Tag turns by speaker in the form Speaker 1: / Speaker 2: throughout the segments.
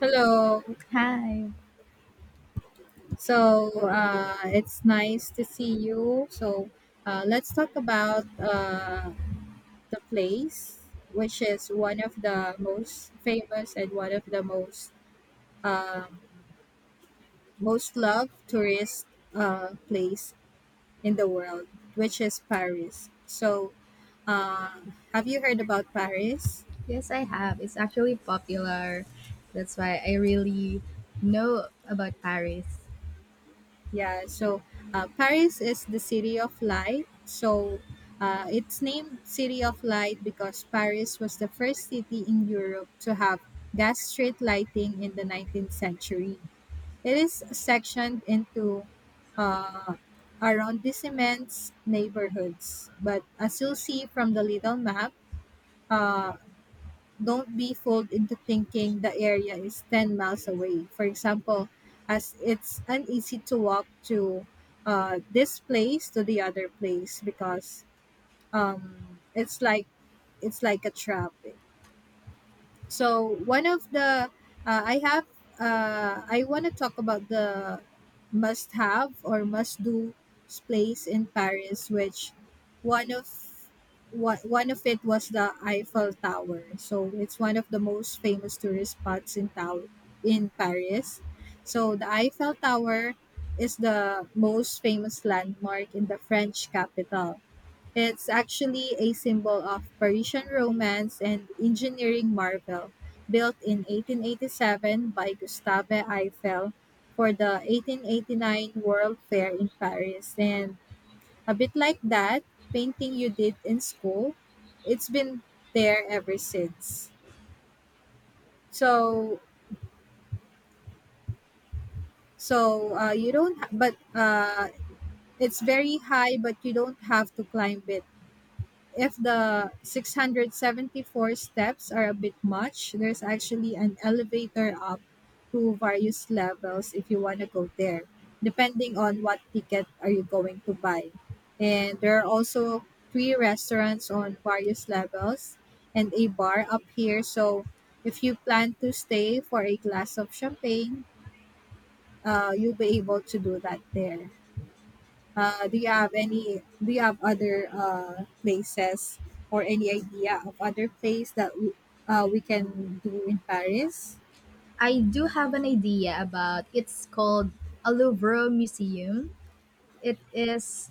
Speaker 1: Hello.
Speaker 2: Hi.
Speaker 1: It's nice to see you. Let's talk about the place, which is one of the most famous and one of the most uh, most loved tourist place in the world, which is Paris. Uh, have you heard about Paris?
Speaker 2: Yes, I have. It's actually popular. That's why I really know about Paris.
Speaker 1: Yeah, so Paris is the city of light. It's named City of Light because Paris was the first city in Europe to have gas street lighting in the 19th century. It is sectioned into uh, arrondissements, neighborhoods. But as you'll see from the little map, uh, don't be fooled into thinking the area is 10 miles away. For example, as it's uneasy to walk to this place to the other place because um, it's like it's like a trap, so one of the uh, i have I want to talk about the must have or must do place in paris which one of one of it was the eiffel tower. So it's one of the most famous tourist spots in town in paris. So the eiffel tower is the most famous landmark in the french capital. It's actually a symbol of Parisian romance and engineering marvel, built in 1887 by Gustave Eiffel for the 1889 World Fair in Paris. And a bit like that painting you did in school, it's been there ever since. So, you don't, but it's very high, but you don't have to climb it. If the 674 steps are a bit much, there's actually an elevator up to various levels if you want to go there, depending on what ticket are you going to buy. And there are also three restaurants on various levels and a bar up here. So if you plan to stay for a glass of champagne, you'll be able to do that there. Do you have any? Do you have other places or any idea of other place that we can do in Paris?
Speaker 2: I do have an idea about it's called a Louvre Museum. It is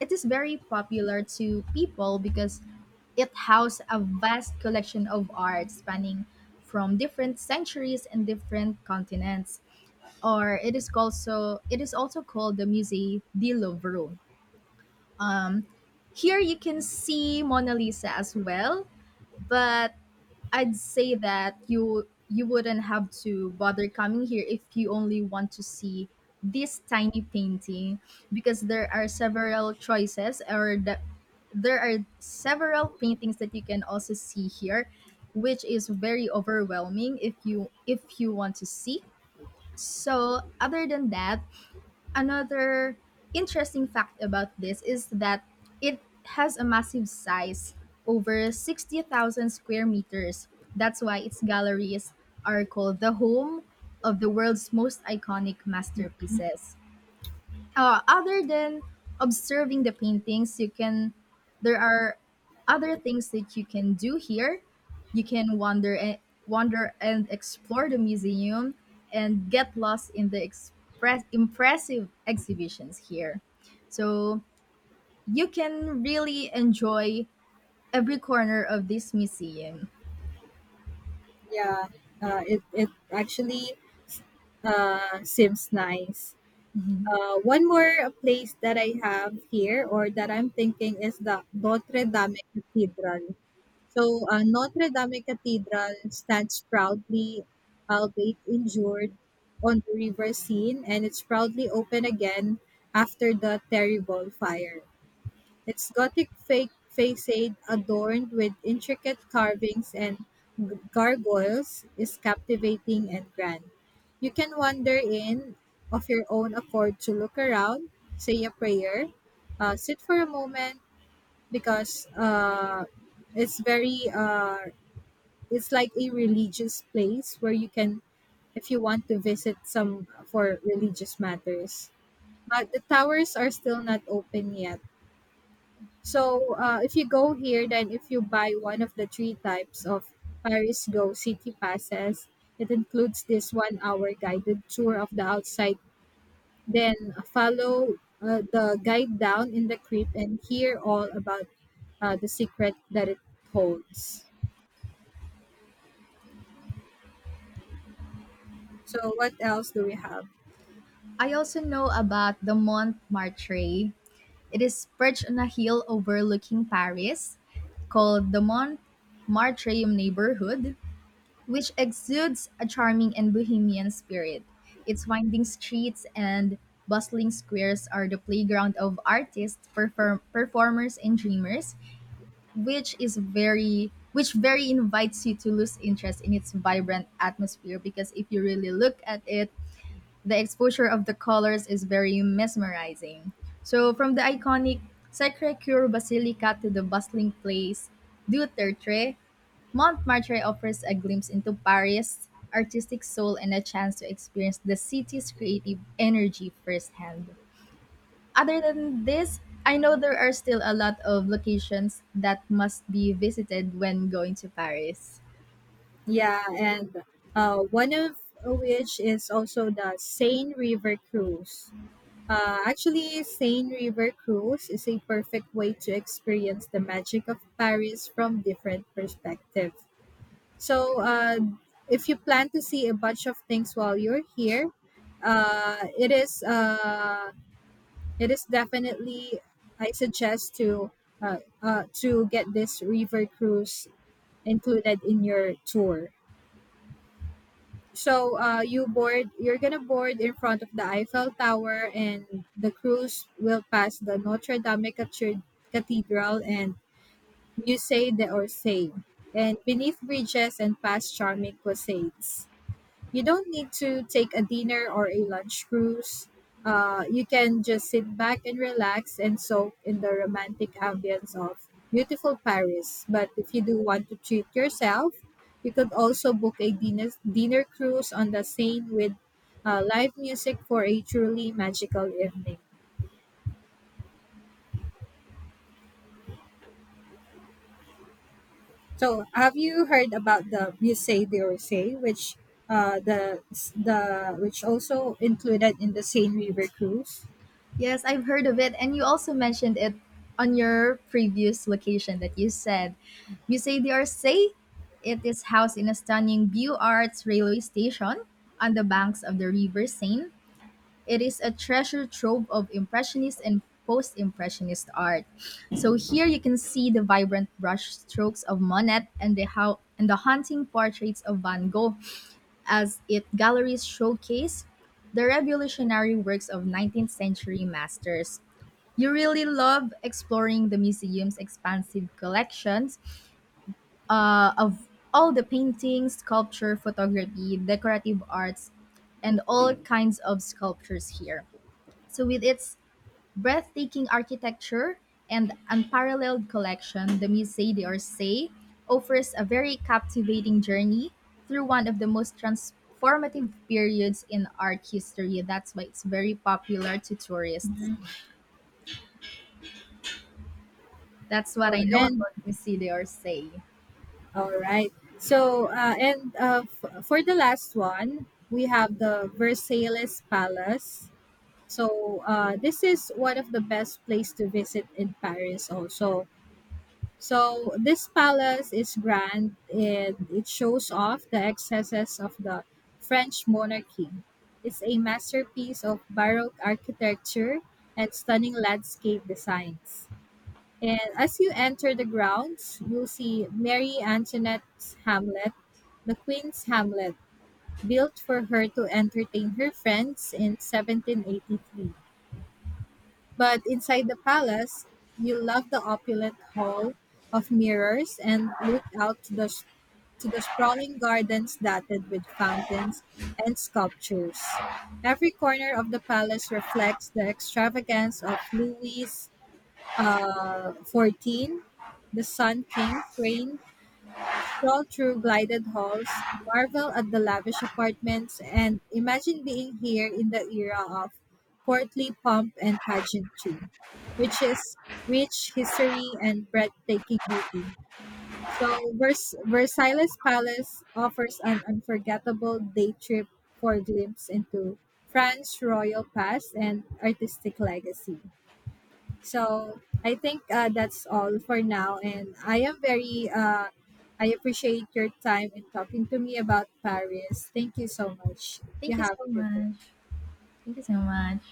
Speaker 2: it is very popular to people because it houses a vast collection of art spanning from different centuries and different continents. Or it is also called the Musée du Louvre. Um, Here you can see Mona Lisa as well, but I'd say that you wouldn't have to bother coming here if you only want to see this tiny painting because there are several choices there are several paintings that you can also see here, which is very overwhelming if you want to see. So other than that, another interesting fact about this is that it has a massive size, over 60,000 square meters. That's why its galleries are called the home of the world's most iconic masterpieces. Other than observing the paintings, you can there are other things that you can do here. You can wander and wander and explore the museum and get lost in the express impressive exhibitions here, so you can really enjoy every corner of this museum.
Speaker 1: Yeah, it actually seems nice.
Speaker 2: Mhm.
Speaker 1: One more place that I have here or that I'm thinking is the Notre Dame Cathedral. Notre Dame Cathedral stands proudly, albeit injured, on the river scene, and it's proudly open again after the terrible fire. Its Gothic fake facade, adorned with intricate carvings and gargoyles, is captivating and grand. You can wander in of your own accord to look around, say a prayer, sit for a moment because it's very it's like a religious place where you can, if you want to visit some for religious matters, but the towers are still not open yet. So if you go here, then if you buy one of the three types of paris go city passes, it includes this 1 hour guided tour of the outside, then follow the guide down in the crypt and hear all about the secret that it holds. So what else do we have?
Speaker 2: I also know about the Montmartre. It is perched on a hill overlooking Paris, called the Montmartre neighborhood, which exudes a charming and bohemian spirit. Its winding streets and bustling squares are the playground of artists, performers, and dreamers, which is very which very invites you to lose interest in its vibrant atmosphere, because if you really look at it, the exposure of the colors is very mesmerizing. So, from the iconic Sacre Coeur Basilica to the bustling place Dutertre, Montmartre offers a glimpse into Paris' artistic soul and a chance to experience the city's creative energy firsthand. Other than this, I know there are still a lot of locations that must be visited when going to Paris.
Speaker 1: Yeah, and one of which is also the Seine River Cruise. Actually, Seine River Cruise is a perfect way to experience the magic of Paris from different perspective. So, if you plan to see a bunch of things while you're here, uh, it is uh, it is definitely, I suggest to get this river cruise included in your tour. So you board, you're gonna board in front of the Eiffel Tower, and the cruise will pass the Notre Dame Cathedral and Musée d'Orsay, and beneath bridges and past charming quaysades. You don't need to take a dinner or a lunch cruise. You can just sit back and relax and soak in the romantic ambience of beautiful Paris. But if you do want to treat yourself, you could also book a dinner cruise on the Seine with live music for a truly magical evening. So, have you heard about the Musée d'Orsay, which uh, the the which also included in the Seine River cruise?
Speaker 2: Yes, I've heard of it. And you also mentioned it on your previous location that you said. Musée d'Orsay, it is housed in a stunning Beaux Arts railway station on the banks of the River Seine. It is a treasure trove of Impressionist and post Impressionist art. So here you can see the vibrant brushstrokes of Monet and the how and the haunting portraits of Van Gogh as it galleries showcase the revolutionary works of 19th century masters. You really love exploring the museum's expansive collections of all the paintings, sculpture, photography, decorative arts, and all kinds of sculptures here. So, with its breathtaking architecture and unparalleled collection, the Musée d'Orsay offers a very captivating journey through one of the most transformative periods in art history. That's why it's very popular to tourists.
Speaker 1: Mhm.
Speaker 2: That's what I
Speaker 1: Or-
Speaker 2: know
Speaker 1: and
Speaker 2: about Missy D'Orsay.
Speaker 1: All right. So, for the last one, we have the Versailles Palace. So, this is one of the best place to visit in Paris also. So, this palace is grand and it shows off the excesses of the French monarchy. It's a masterpiece of Baroque architecture and stunning landscape designs. And as you enter the grounds, you'll see Mary Antoinette's Hamlet, the Queen's Hamlet, built for her to entertain her friends in 1783. But inside the palace, you'll love the opulent hall of mirrors and look out to to the sprawling gardens dotted with fountains and sculptures. Every corner of the palace reflects the extravagance of Louis 14, the Sun King's reign, stroll through glided halls, marvel at the lavish apartments, and imagine being here in the era of courtly pomp and pageantry, which is rich history and breathtaking beauty. So, Versailles Palace offers an unforgettable day trip for a glimpse into France's royal past and artistic legacy. So I think that's all for now. And I am I appreciate your time in talking to me about Paris. Thank you so much. You
Speaker 2: Thank you
Speaker 1: have
Speaker 2: so
Speaker 1: a good day.
Speaker 2: much. Thank you so much.